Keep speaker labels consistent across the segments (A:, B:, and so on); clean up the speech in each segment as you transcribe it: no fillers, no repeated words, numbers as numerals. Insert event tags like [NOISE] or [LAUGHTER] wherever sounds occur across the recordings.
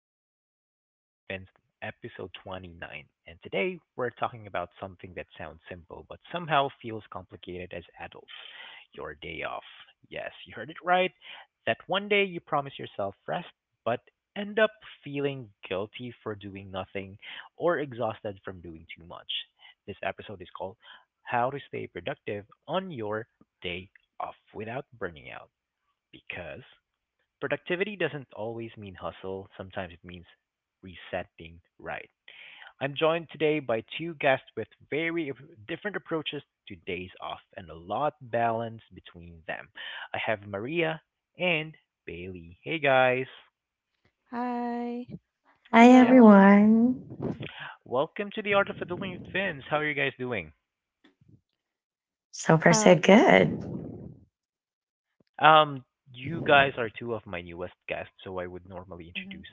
A: to the Art of Adulting with Vince, episode 29. And today we're talking about something that sounds simple but somehow feels complicated as adults, your day off. Yes, you heard it right. That one day you promise yourself rest but end up feeling guilty for doing nothing or exhausted from doing too much. This episode is called How to Stay Productive on Your Day Off Without Burning Out, because productivity doesn't always mean hustle, sometimes it means resetting, right. I'm joined today by two guests with very different approaches to days off and a lot balance between them. I have Maria and Bailey. Hey guys.
B: Hi.
C: Hi,
A: Yes.
B: Hello.
C: everyone.
A: Welcome to the Art of Adulting with Vince. How are you guys doing?
C: So far, so
B: Uh,
C: good.
A: Um, you guys are two of my newest guests, so I would normally introduce
B: mhm.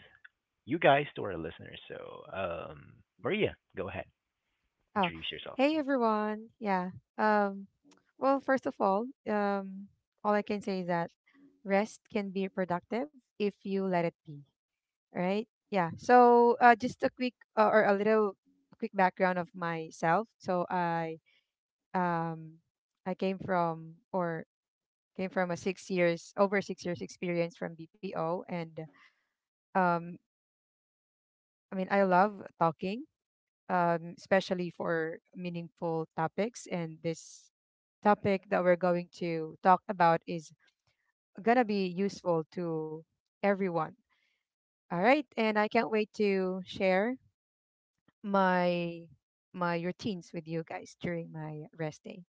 A: you guys to our listeners. So, Maria, go ahead,
B: Oh,
A: introduce yourself.
B: hey everyone. Yeah. Um, well, first of all I can say is that rest can be productive if you let it be, right? Yeah. So, just a quick or a little quick background of myself. So, um, I came from a 6 years, over 6 years experience from BPO, and um, I mean, I love talking, especially for meaningful topics. And this topic that we're going to talk about is going to be useful to everyone. All right. And I can't wait to share my my routines with you guys during my rest day.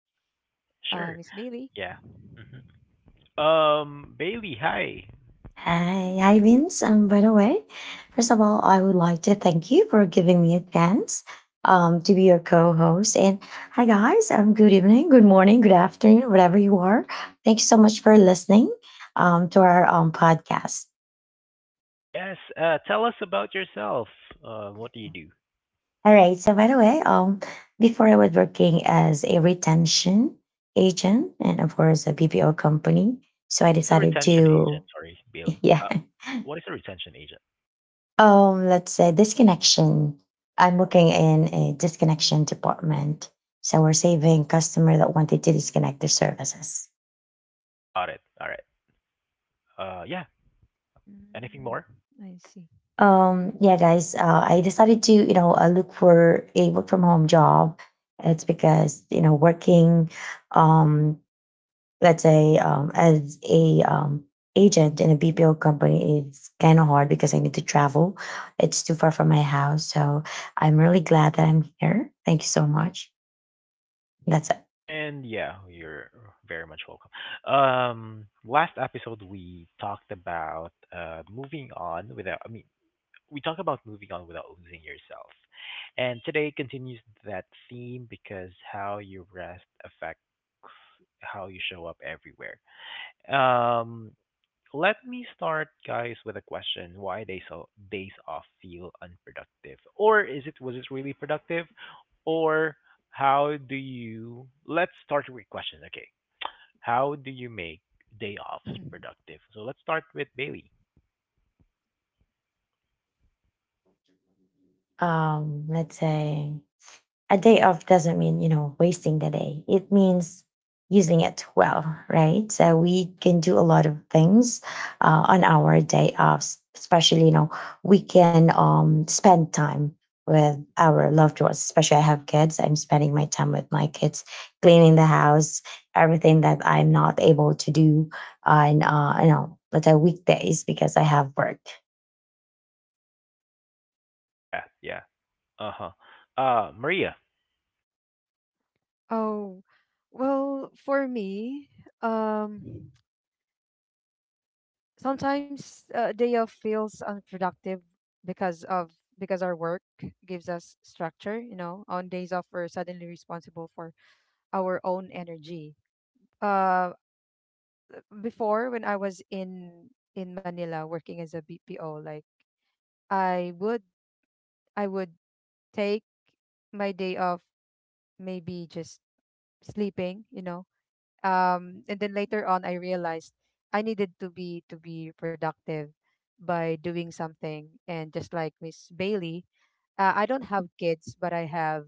A: Sure.
B: Miss Bailey.
A: Yeah. hmm Bailey, hi.
C: Hi, hi, Vince. By the way, first of all, I would like to thank you for giving me a chance to be your co host. And hi, guys. Good evening, good morning, good afternoon, whatever you are. Thank you so much for listening to our podcast.
A: Yes. Tell us about yourself. What do you do?
C: All right. So, by the way, before I was working as a retention agent and, of course, a BPO company. So, I
A: What is a
C: decided
A: retention agent?
C: to,
A: Sorry,
C: [LAUGHS]
A: Bailey.
C: yeah.
A: What is a retention agent?
C: Let's say disconnection, I'm working in a disconnection department, so we're saving customer that wanted to disconnect their services.
A: Got it. All right. Yeah. Anything
B: Mm,
A: more?
B: I see. [LAUGHS]
C: Yeah, guys, I decided to look for a work from home job. It's because you know working um let's say as a agent in a BPO company is kind of hard because I need to travel. It's too far from my house, so I'm really glad that I'm here. Thank you so much. That's it.
A: And yeah, you're very much welcome. Last episode we talked about moving on without. I mean, We talk about moving on without losing yourself. And today continues that theme because how you rest affects how you show up everywhere. Um, Let me start, guys, with a question: Why days off feel unproductive, or is it was it really productive, or how do you? Let's Start with questions. Okay, how do you make day offs
B: Mhm.
A: productive? So let's start with Bailey.
C: Let's say a day off doesn't mean you know wasting the day, it means using it well, right? So we can do a lot of things on our day offs, especially you know we can spend time with our loved ones. Especially I have kids, I'm spending my time with my kids, cleaning the house, everything that I'm not able to do on you know but on weekdays because I have work.
A: Yeah, yeah. Uh huh. Maria.
B: Oh, well, for me, um, sometimes a day off feels unproductive because of because our work gives us structure, you know. On days off we're suddenly responsible for our own energy. Uh before, when I was in Manila working as a BPO, like I would I would take my day off, maybe just sleeping, and then later on I realized I needed to be productive by doing something, and just like Miss Bailey, I don't have kids, but I have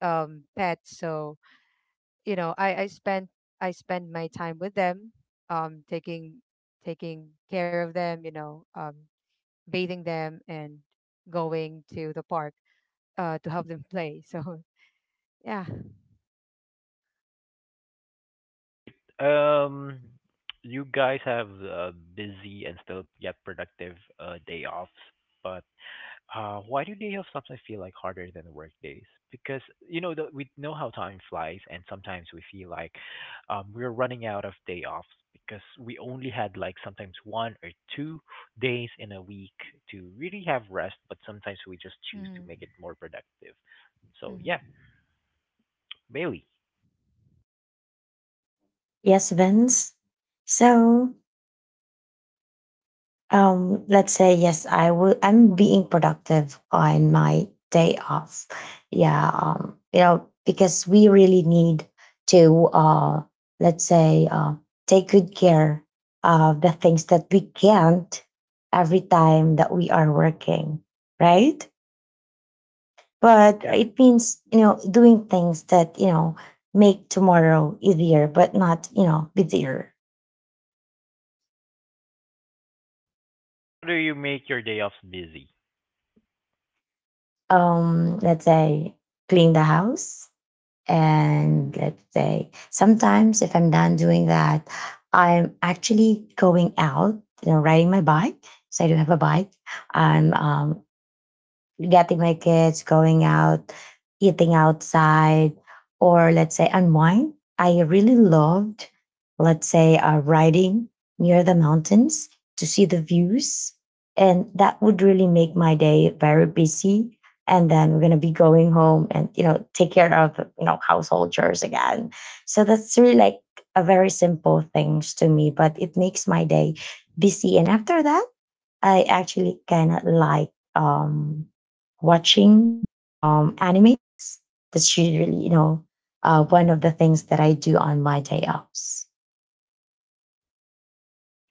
B: pets. So you know i i spend I spend my time with them, um taking taking care of them, bathing them and going to the park, to help them play, so [LAUGHS] yeah.
A: Great. Um, you guys have a busy and still yet productive day offs, but why do day offs sometimes feel like harder than work days? Because you know we know how time flies, and sometimes we feel like we're running out of day offs because we only had like sometimes one or two days in a week to really have rest, but sometimes we just choose to
B: Mm-hmm.
A: make it more productive. So yeah,
B: Mm-hmm.
A: Bailey.
C: Yes, Vince. So let's say yes, I will. I'm being productive on my day off. Yeah, you know, because we really need to, let's say, take good care of the things that we can't every time that we are working, right? But
A: Yeah.
C: it means you know doing things that you know make tomorrow easier, but not you know busier.
A: How do you make your day offs busy?
C: Let's say clean the house. And let's say sometimes if I'm done doing that, I'm actually going out, you know, riding my bike. So I do have a bike. I'm getting my kids, going out, eating outside, or let's say unwind. I really loved, let's say, riding near the mountains to see the views. And that would really make my day very busy. And then we're going to be going home and, you know, take care of, you know, household chores again. So that's really like a very simple things to me, but it makes my day busy. And after that, I actually kind of like watching animes. That's usually, you know, one of the
B: [LAUGHS]
C: things that I do on my day offs.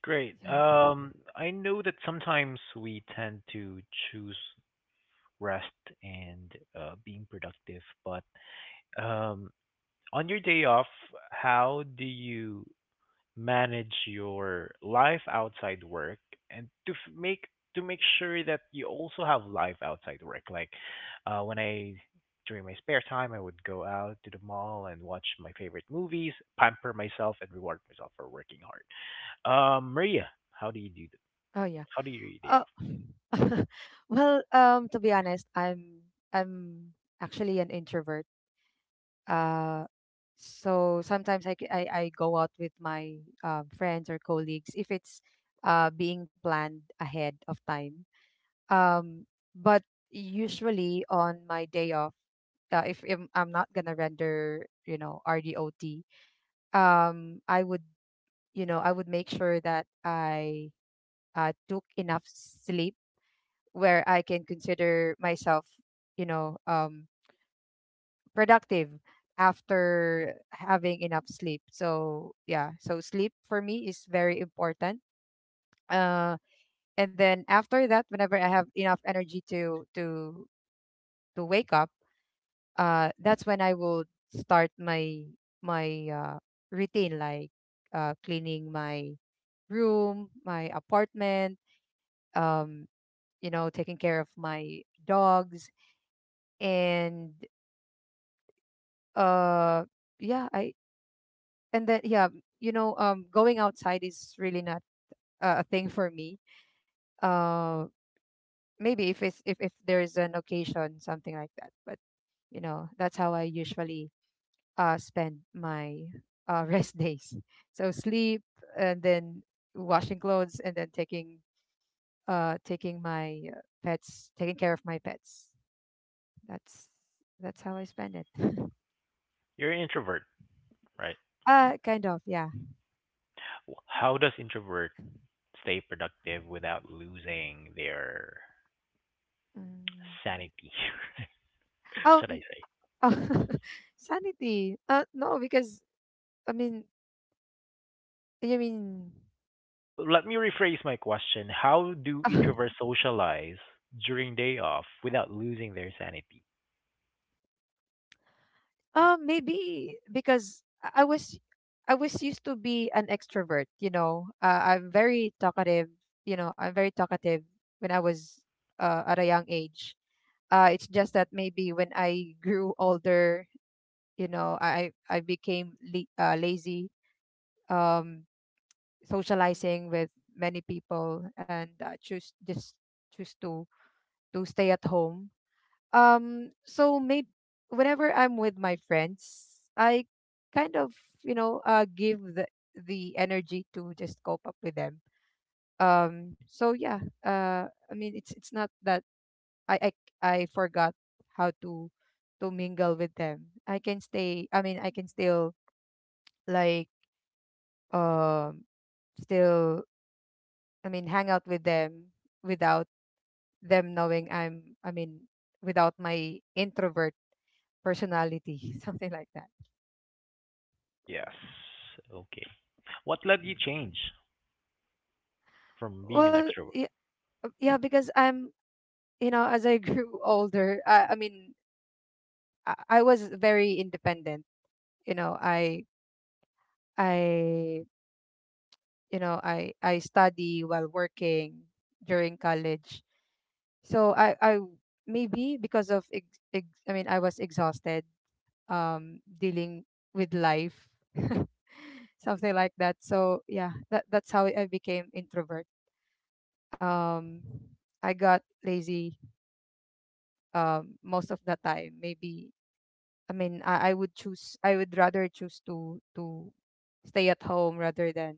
A: Great.
B: Yeah.
A: I know that sometimes we tend to choose rest and being productive, but um, on your day off, how do you manage your life outside work and make to make sure that you also have life outside work? Like when I during my spare time, I would go out to the mall and watch my favorite movies, pamper myself, and reward myself for working hard. Maria, how do you do
B: Oh, yeah.
A: how do you read day
B: Uh,
A: off?
B: [LAUGHS] well, to be honest, I'm actually an introvert. Uh, so sometimes I go out with my friends or colleagues if it's being planned ahead of time. Um, but usually on my day off, if I'm not gonna render, you know, RDOT, um, I would, I would make sure that I took enough sleep, where I can consider myself, you know, um, productive after having enough sleep. So yeah, so sleep for me is very important. Uh, and then after that, whenever I have enough energy to wake up, that's when I will start my routine, like cleaning my room, my apartment, um, taking care of my dogs, and uh yeah I and then, yeah. Going outside is really not a thing for me. uh Maybe if it's if there's an occasion, something like that, but, that's how I usually spend my [LAUGHS] rest days. So sleep, and then washing clothes, and then taking care of my pets. That's that's how I spend it. [LAUGHS]
A: You're an introvert, right?
B: Kind of, yeah.
A: How does introvert stay productive without losing their
B: Mm.
A: sanity, [LAUGHS]
B: oh
A: should I say?
B: Oh, [LAUGHS] sanity. No, because I mean, you mean,
A: So let me rephrase my question. How do
B: [LAUGHS] uh,
A: introverts socialize during day off without losing their sanity?
B: maybe because I was used to be an extrovert. I'm very talkative. I'm very talkative when I was, at a young age. It's just that maybe when I grew older, I became, lazy. Um, socializing with many people, and choose to stay at home. So maybe whenever I'm with my friends, I kind of, give the energy to just cope up with them. So yeah, I mean, it's not that I I forgot how to mingle with them. I can stay. I mean, I can still, like, um still. I mean, hang out with them without them knowing I'm. I mean, without my introvert personality, [LAUGHS] something like that.
A: Yes. Okay. What led you change from being an
B: Well, yeah,
A: extrovert?
B: yeah, because as I [LAUGHS] grew older, I mean, I was very independent. You know, I, I, I study while working during college. So maybe because of, ex, ex, I mean, I was exhausted, dealing with life, [LAUGHS] something like that. So yeah, that's how I became introvert. Um, I got lazy, most of the time, maybe I mean, I would rather choose to stay at home rather than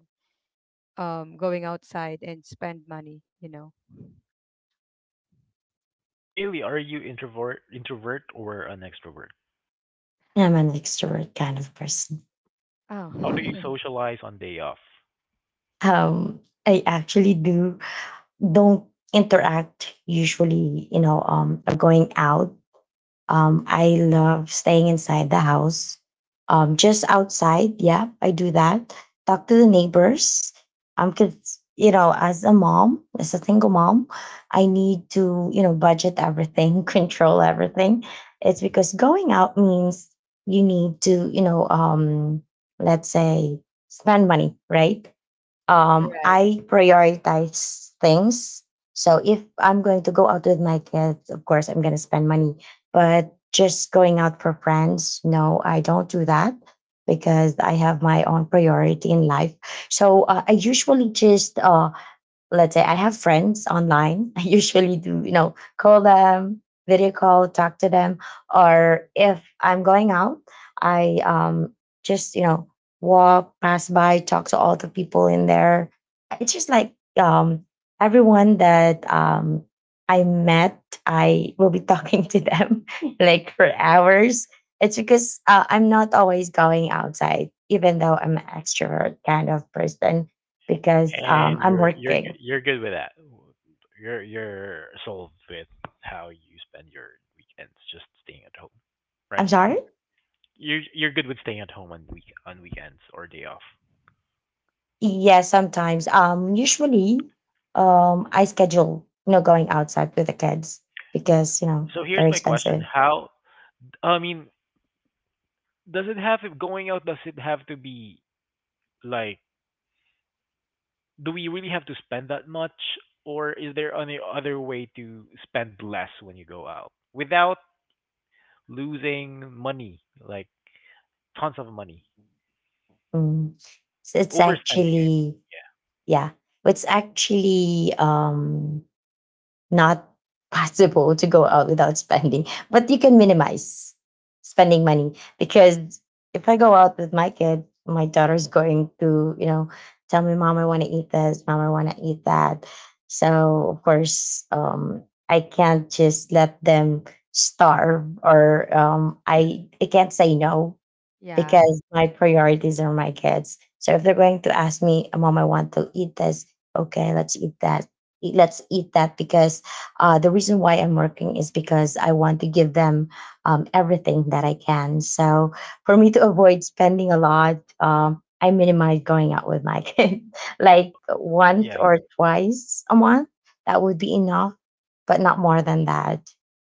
B: going outside and spend money.
A: Bailey, are you introvert or an extrovert?
C: I'm an extrovert kind of person.
B: Oh,
A: How do you
B: [LAUGHS]
A: socialize on day off?
C: Um, I actually do don't interact usually, you know, or going out. I love staying inside the house. Just outside, yeah, I do that. Talk to the neighbors. Cause you know, as a mom, as a single mom, I need to you know budget everything, [LAUGHS] control everything. It's because going out means you need to you know let's say spend money, right?
B: right,
C: I prioritize things. So if I'm going to go out with my kids, of course, I'm going to spend money. But just going out for friends, no, I don't do that because I have my own priority in life. So I usually just let's say I have friends online. [LAUGHS] I usually do, you know, call them, video call, talk to them. Or if I'm going out, I just, you know, walk, pass by, talk to all the people in there. It's just like everyone that I met, I will be [LAUGHS] talking to them [LAUGHS] like for hours. It's because I'm not always going outside, even though I'm an extrovert kind of person because
A: And
C: I'm
A: you're
C: working.
A: you're good with that. You're solved with how you spend your weekends, just staying at home, right?
C: I'm sorry?
A: You're good with staying at home on weekends or day off.
C: Yeah, sometimes. Usually, I schedule you know going outside with the kids because you know
A: So here's
C: very
A: my question:
C: expensive.
A: I mean, does it have going out? Does it have to be like? Do we really have to spend that much, or is there any other way to spend less when you go out without losing money, like tons of money,
C: Mm. So it's
A: overspending? I mean.
C: actually,
A: Yeah.
C: yeah, it's actually not possible to go out without spending, but you can minimize spending money. Because if I go out with my kid, my daughter's going to, you know, tell me, Mom, I want to eat this, Mom, I want to eat that. So, of course, I can't just let them starve or I can't say no
B: yeah.
C: because my priorities are my kids. So if they're going to ask me, "Mom, I want to eat this," okay, let's eat that. Let's eat that because the reason why I'm working is because I want to give them everything that I can. So for me to avoid spending a lot, I minimize going out with my [LAUGHS] kids, like
A: So
C: once
A: yeah.
C: or twice a month. That would be enough but not more than that.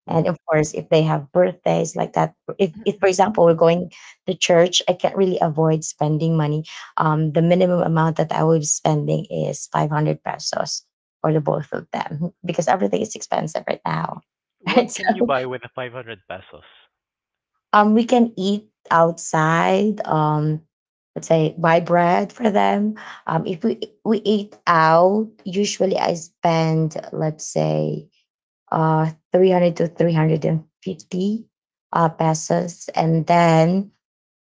C: And of course, if they have birthdays like that, if
B: [CLEARS THROAT]
C: for example we're going to church, I can't really avoid spending money. The minimum amount that I will be spending is 500 pesos for the both of them because everything is expensive right now. [LAUGHS] Right,
A: What can you
C: so
A: buy with 500 pesos?
C: we can eat outside. Let's say buy bread for them. If we eat out, usually I spend let's say 300 to 350 pesos. And then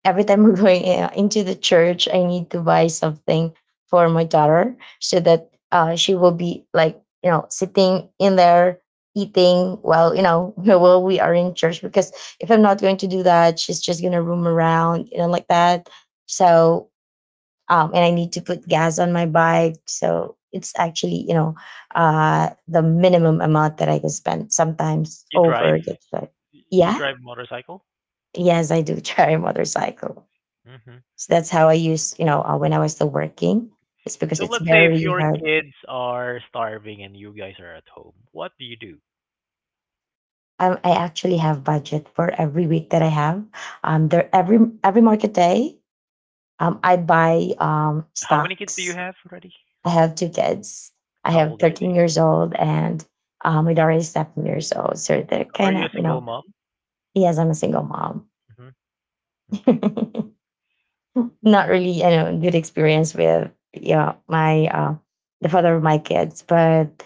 C: every time [LAUGHS] we're going into the church, I need to buy something for my daughter so that she will be like you know sitting in there eating while you know [LAUGHS] while we are in church, because if I'm not going to do that, she's just gonna roam around you know like that. So and I need to put gas on my bike. So it's actually, you know, the minimum amount that I can spend. Sometimes
A: You drive?
C: over that's like,
A: You
C: yeah,
A: drive motorcycle?
C: yes, I do [LAUGHS] try a motorcycle.
A: hmm
C: So that's how I use, you
B: Oh,
C: know, when I was still working. It's because
A: So
C: it's
A: let's say if
C: very
A: your
C: hard.
A: kids are starving and you guys are at home, what do you do?
C: I actually have budget for every week that I have. There every market day. I buy
A: How many kids do you
C: stocks.
A: have already?
C: I have two kids. I
A: How
C: have
A: old are
C: 13
A: they?
C: years old and my daughter is 7 years old. So they're
A: Are
C: kind
A: you a
C: of, you
A: single
C: know,
A: mom?
C: yes, I'm a single mom.
A: hmm Okay.
C: [LAUGHS] Not really, you know, good experience with yeah my the father of my kids, but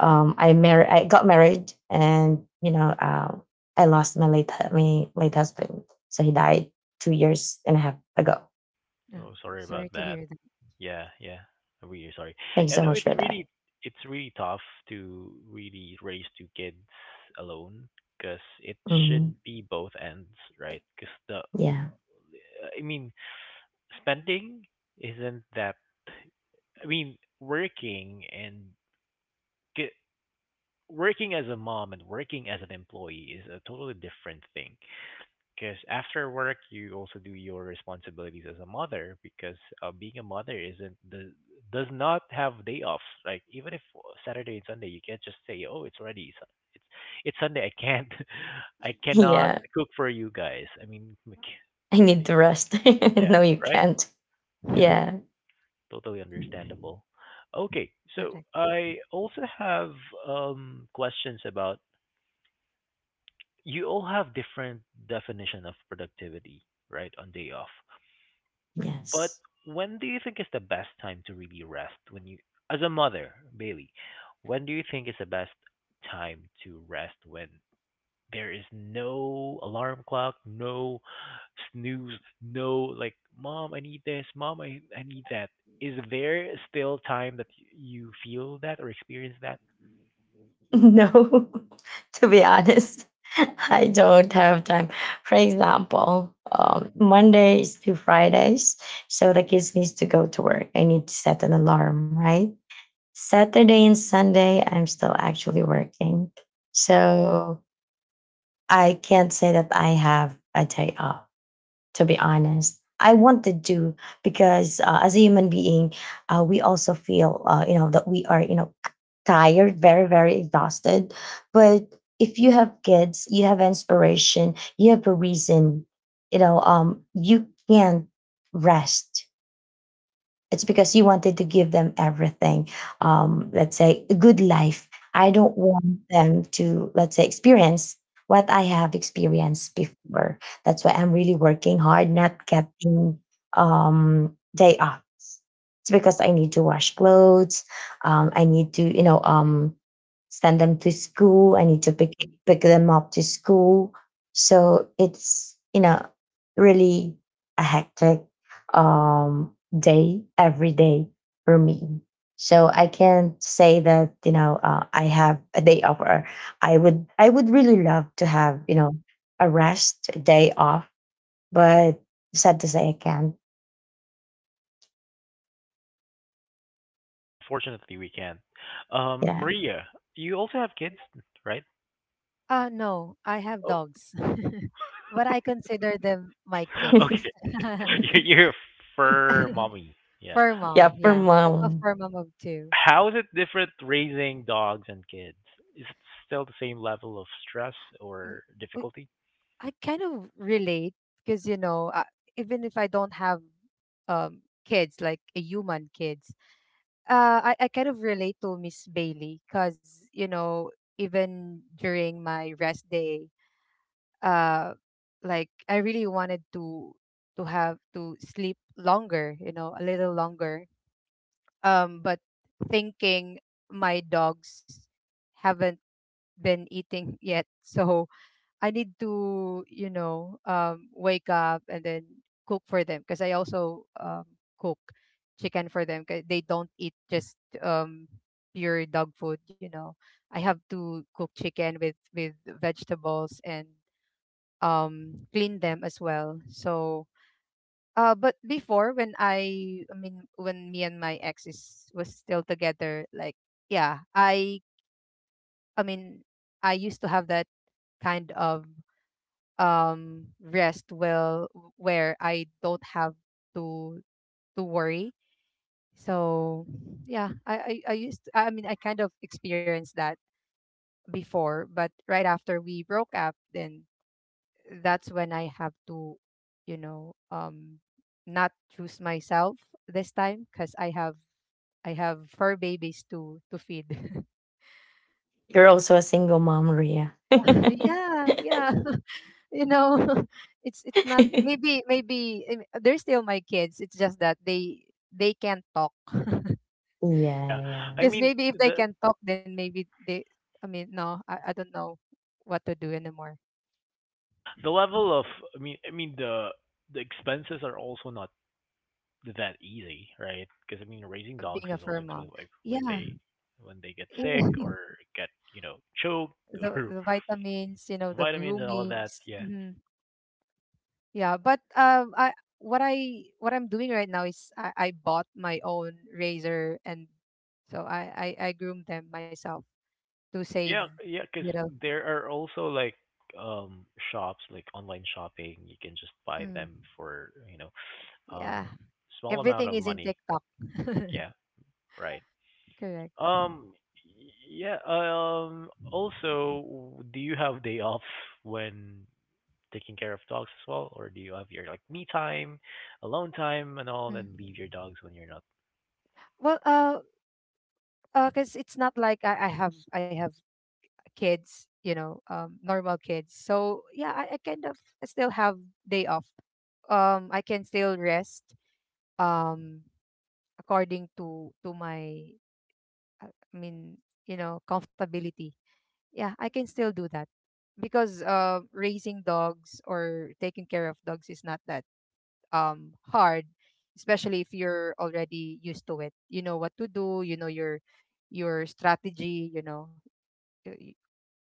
C: I married, I got married, and you know, I lost my my late husband, so he died 2 years and a half ago.
B: Oh,
A: Oh,
B: [LAUGHS]
A: sorry
B: sorry
A: about
B: to
A: that.
B: hear that.
A: Yeah, yeah. We are sorry.
C: Thank you
A: I
C: so
A: know
C: much for that.
A: it's really tough to really raise two kids alone because it should
C: Mhm.
A: be both ends, right? Because the
C: Yeah,
A: I mean spending isn't that. Working get, working as a mom and working as an employee is a totally different thing. Because after work, you also do your responsibilities as a mother. Because being a mother isn't the does not have day off. Like even if Saturday and Sunday, you can't just say, "Oh, it's already it's it's Sunday. I can't, [LAUGHS] I
C: [LAUGHS]
A: cannot
C: yeah,
A: cook for you guys." I mean, like,
C: I need to rest. [LAUGHS]
A: yeah,
C: No, you
A: right?
C: can't.
A: Yeah.
C: Yeah.
A: Totally understandable. Okay,
B: [LAUGHS]
A: so
B: Correct.
A: I also have questions about you all have different definition of productivity, right, on day off. But
C: Yes. [LAUGHS]
A: when do you think is the best time to really rest? When you, as a mother, Bailey, when do you think is the best time to rest when there is no alarm clock, no snooze, no like, mom, I need this, mom, I need that. Is there still time that you feel that or experience that?
C: No, [LAUGHS] to be honest, [LAUGHS] I don't have time. For example, Mondays to Fridays, so the kids needs to go to work. I need to set an alarm, right? Saturday and Sunday, I'm still actually working, so I can't say that I have a day off. To be honest, I wanted to because as a human being, we also feel you know that we are you know tired, very very exhausted. But if you have kids, you have inspiration, you have a reason. You know, you can rest, it's because you wanted to give them everything. Let's say a good life. I don't want them to, let's say, experience what I have experienced before. That's why I'm really working hard, not getting day off. It's because I need to wash clothes. I need to, you know, send them to school. I need to pick them up to school. So it's you know really a hectic um, day every day for me. So I can't say that you know I have a day off, or I would really love to have you know a rest a day off, but sad to say I can't.
A: Unfortunately, we can't.
C: Yeah,
A: Maria, you also have kids, right?
B: No, I have
A: Oh,
B: dogs, [LAUGHS] but I consider them my
A: [LAUGHS]
B: kids.
A: okay.
C: [LAUGHS]
A: [LAUGHS] You're a fur mommy.
B: [LAUGHS]
A: Yeah.
B: Fur
C: yeah.
B: mom,
C: For
B: yeah. I'm a
C: mom,
B: fur mom of two.
A: How is it different raising dogs and kids? Is it still the same level of stress or
B: W-
A: difficulty?
B: I kind of relate, because even if I don't have kids, like a human kids, I kind of relate to Miss Bailey, because even during my rest day, uh, like I really wanted to sleep longer, a little longer. But thinking my dogs haven't been eating [LAUGHS] yet, so I need to, wake up and then cook for them, because I also, cook chicken for them, 'cause they don't eat just, um, pure dog food. You know, I have to cook chicken with vegetables, and clean them as well. So, but before, when I mean, when me and my ex is was still together, like, yeah, I mean, I used to have that kind of rest, well, where I don't have to to worry. So yeah, I mean, I kind of experienced that before, but right after we broke up, then that's when I have to, you know, um not choose myself this time, because I have fur babies to feed.
C: you're also a single mom, Ria. [LAUGHS] Yeah,
B: [LAUGHS] Yeah, yeah. you know [LAUGHS] it's not, maybe I mean, they're still my kids. It's just that they can't talk. [LAUGHS]
A: Yeah.
C: yeah,
A: I
B: Because
A: mean,
B: maybe if they can talk, then maybe they I mean no, I don't know what to do anymore.
A: the level of, I mean the expenses are also not that easy, right? Because I mean, raising
B: Being
A: dogs
B: a
A: is
B: fur
A: also
B: mom,
A: expensive. Like
B: yeah.
A: when they get sick
B: Yeah.
A: or get you know choked
B: [LAUGHS] the,
A: [LAUGHS] or
B: the vitamins, the
A: vitamins and all that.
B: groomings.
A: Yeah,
B: Hmm. Yeah, but I what I'm doing right now is, I bought my own razor, and so I groom them myself to save
A: yeah, yeah.
B: you
A: Because
B: know
A: there are also like um shops like online shopping. You can just buy
B: Mm.
A: them for you know um
B: Yeah.
A: small amount
B: Everything
A: of
B: is in
A: money.
B: TikTok. [LAUGHS]
A: Yeah, right.
B: Correct.
A: Um, yeah, also, do you have day off when taking care of dogs as well, or do you have your like me time, alone time, and all,
B: Mm.
A: and leave your dogs when you're not?
B: Well, 'cause it's not like I have kids, normal kids. So yeah, I kind of still have day off. I can still rest. Um, according to my, I mean, comfortability. Yeah, I can still do that, because raising dogs or taking care of dogs is not that hard, especially if you're already used to it. You know what to do, you know your strategy. y- y-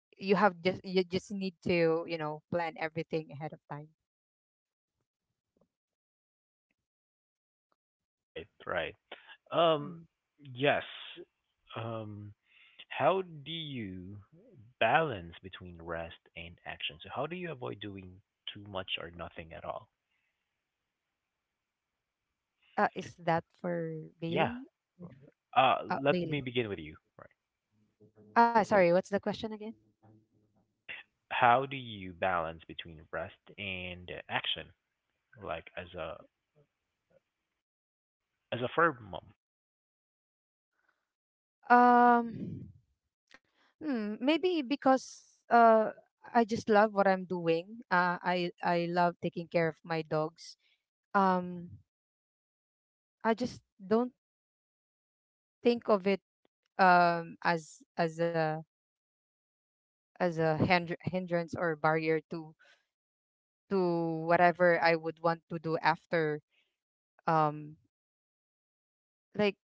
B: you just need to, plan everything ahead of time.
A: Right, right. Um,
B: Mm.
A: yes. Um, how do you balance between rest and action? So how do you avoid doing too much or nothing at all?
B: Is that for
A: Yeah.
B: Bailey?
A: Let me
B: Bailey.
A: begin with you.
B: Sorry, what's the question again?
A: How do you balance between rest and action like as a firm mom?
B: Um, maybe because I just love what I'm doing. I love taking care of my dogs. Um, I just don't think of it um as as a as a hindrance or barrier to whatever I would want to do after. Um, like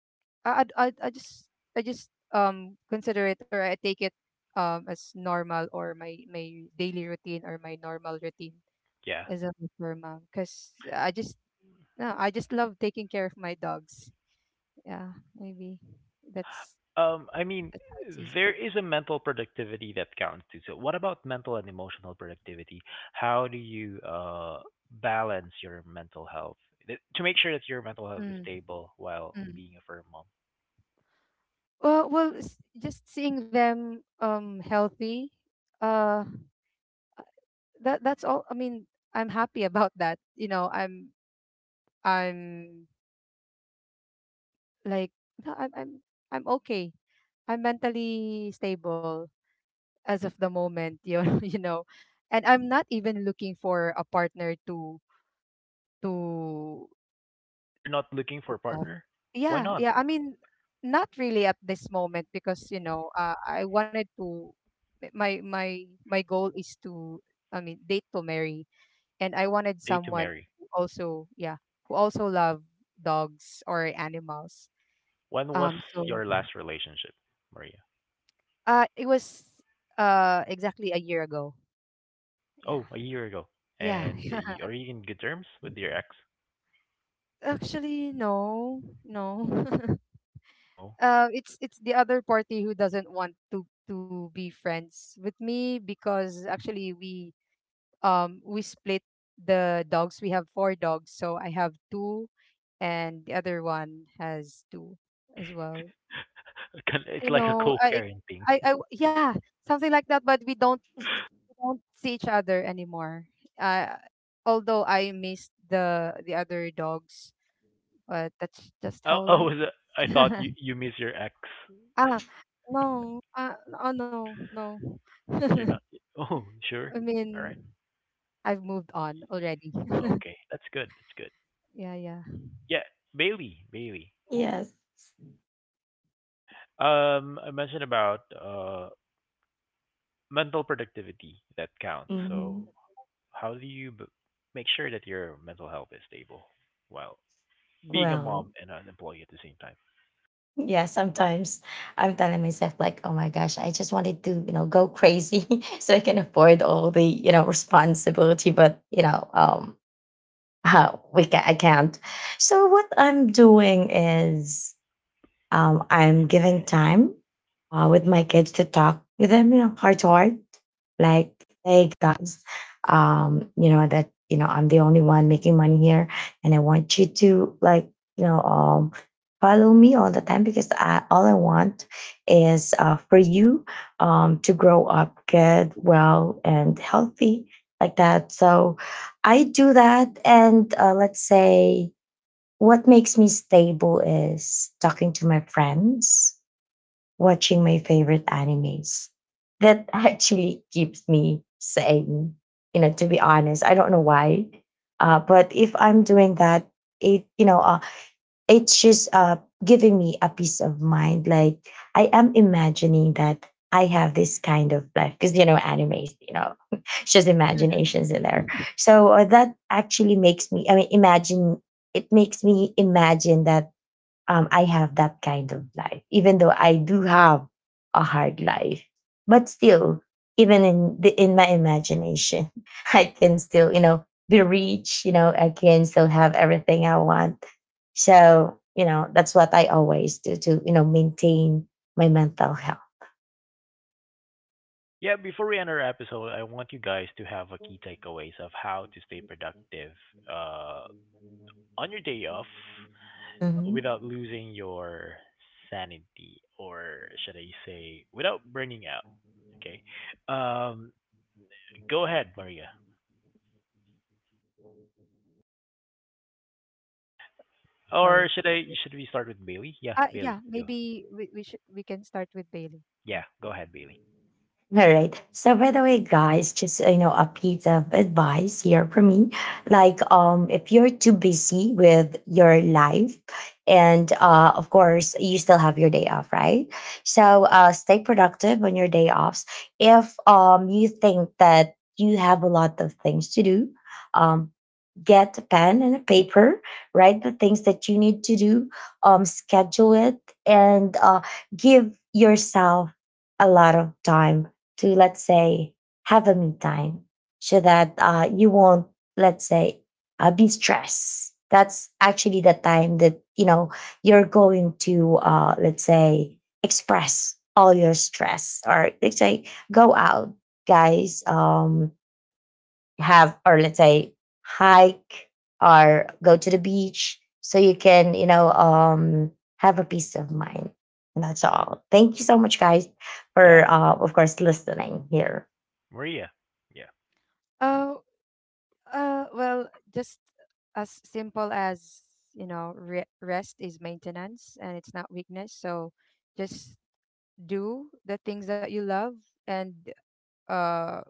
B: I I I I just I just consider it, or I take it as normal, or my daily routine, or my normal routine
A: Yeah.
B: as a for mom, because I just no, I just love taking care of my dogs. Yeah, maybe that's
A: um i mean
B: that's how it's easy.
A: there is a mental productivity that counts too, so what about mental and emotional productivity? How do you balance your mental health to make sure that your mental health is
B: Mm.
A: stable while
B: Mm.
A: being a firm mom?
B: Well, just seeing them healthy. Uh, that's all. I mean, I'm happy [LAUGHS] about that. You know, I'm like No, I'm okay. I'm mentally stable as of the moment. You [LAUGHS] and I'm not even looking for a partner to, to
A: You're not looking for a
B: good to have.
A: partner? Why
B: Yeah,
A: not?
B: yeah. I mean, not really at this moment, because, I wanted to, my goal is to, I mean, date to marry, and I wanted
A: Date to
B: someone
A: marry.
B: who also, yeah, who also love dogs or animals.
A: When was
B: Um so
A: your last relationship, Maria?
B: uh it was exactly a year ago. Yeah.
A: Oh, a year ago.
B: Yeah.
A: And
B: [LAUGHS]
A: are you in good terms with your ex?
B: Actually, no. No. [LAUGHS]
A: No,
B: It's the other party who doesn't want to be friends with me, because actually we split the dogs. We have four dogs, so I have two, and the other one has two as well.
A: it's
B: You
A: like a
B: know,
A: co-parenting.
B: I Yeah, something like that. But we don't see each other anymore. Uh, although I miss the other dogs, but that's just
A: Oh,
B: how
A: oh,
B: life.
A: was I thought you
B: [LAUGHS]
A: you miss your ex.
B: Ah, no, oh, no, no. [LAUGHS]
A: You're not. Oh, sure.
B: I
A: All
B: mean,
A: right.
B: I've moved on already. [LAUGHS]
A: Okay, that's good. That's good.
B: Yeah, yeah.
A: Yeah, Bailey.
C: yes.
A: I mentioned about mental productivity that counts. So,
C: Hmm.
A: how do make sure that your mental health is stable while being a
C: Well,
A: mom and an employee at the same time?
C: yeah, sometimes I'm telling myself like, "Oh my gosh, I just wanted to, you know, go crazy [LAUGHS] so I can afford all the, you know, responsibility." But you know, [LAUGHS] how we can I can't. So what I'm doing is I'm giving time with my kids to talk with them, you know, heart to heart, like, hey guys, you know that you know I'm the only one making money here, and I want you to like, you know, follow me all the time because I, all I want is for you to grow up good, well, and healthy like that. So I do that, and let's say what makes me stable is talking to my friends, watching my favorite animes. That [LAUGHS] actually keeps me sane. You know, to be honest, I don't know why, but if I'm doing that, it you know it's just giving me a peace of mind, like I am imagining that I have this kind of life, because you know animes you know [LAUGHS] it's just imaginations in there. So that actually makes me I mean imagine, it makes me imagine that I have that kind of life, even though I do have a hard life. But still, even in the, in my imagination, [LAUGHS] I can still, you know, be rich. You know, I can still have everything I want. So, you know, that's what I always do to, you know, maintain my mental health.
A: Yeah, before we end our episode, I want you guys to have a key takeaways of how to stay productive uh, on your day off
C: Mhm.
A: without losing your sanity, or should I say without burning out? Okay. Um Go ahead, Maria.
B: Oh, sorry.
A: Or should we start with Bailey? Yeah, Bailey.
B: Yeah,
A: Go.
B: maybe we can start with Bailey.
A: Yeah,
B: Yeah.
A: go ahead, Bailey.
C: All right. So by the way, guys, just you know, a piece of advice here from me. Like, if you're too busy with your life, and of course, you still have your day off, right? So stay productive on your day offs. If you think that you have a lot of things to do, um, get a pen and a paper, write the things that you need to do, schedule it and give yourself a lot of time to let's say have a me time, so that you won't let's say be stressed. That's actually the time that you know you're going to let's say express all your stress or let's say go out, guys. Have or let's say hike or go to the beach, so you can you know have a peace of mind. And that's all, thank you so much guys for
A: Yeah,
C: of course listening here.
A: Maria. Yeah.
B: Oh, well, just as simple as, re rest is maintenance, and it's not weakness. So just do the things that you love, and uh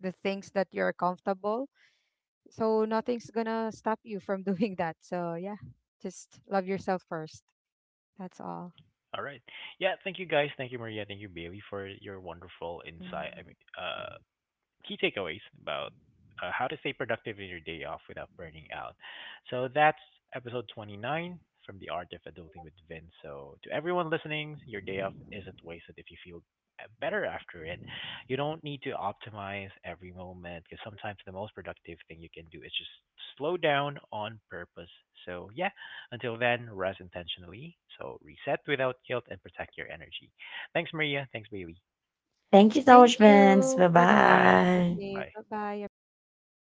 B: the things that you're comfortable. So nothing's gonna stop you from [LAUGHS] doing that. So yeah, just love yourself first. That's all.
A: All right. Yeah, thank you guys. Thank you, Maria. Thank you, Bailey, for your wonderful insight. I
B: Mm.
A: mean, key takeaways about how to stay productive in your day off without burning out. So that's episode 29 from The Art of Adulting with Vince. So to everyone listening, your day off isn't wasted if you feel better after it. You don't need to optimize every moment because sometimes the most productive thing you can do is just slow down on purpose. So yeah, until then, rest intentionally. So reset without guilt and protect your energy. Thanks, Maria. Thanks, Bailey.
C: Thank you so
B: Thank
C: much, Vince.
B: you
C: Bye
B: for the calm
A: Bye.
C: bye.
B: perspective.
A: Bye.
B: Bye bye, everyone.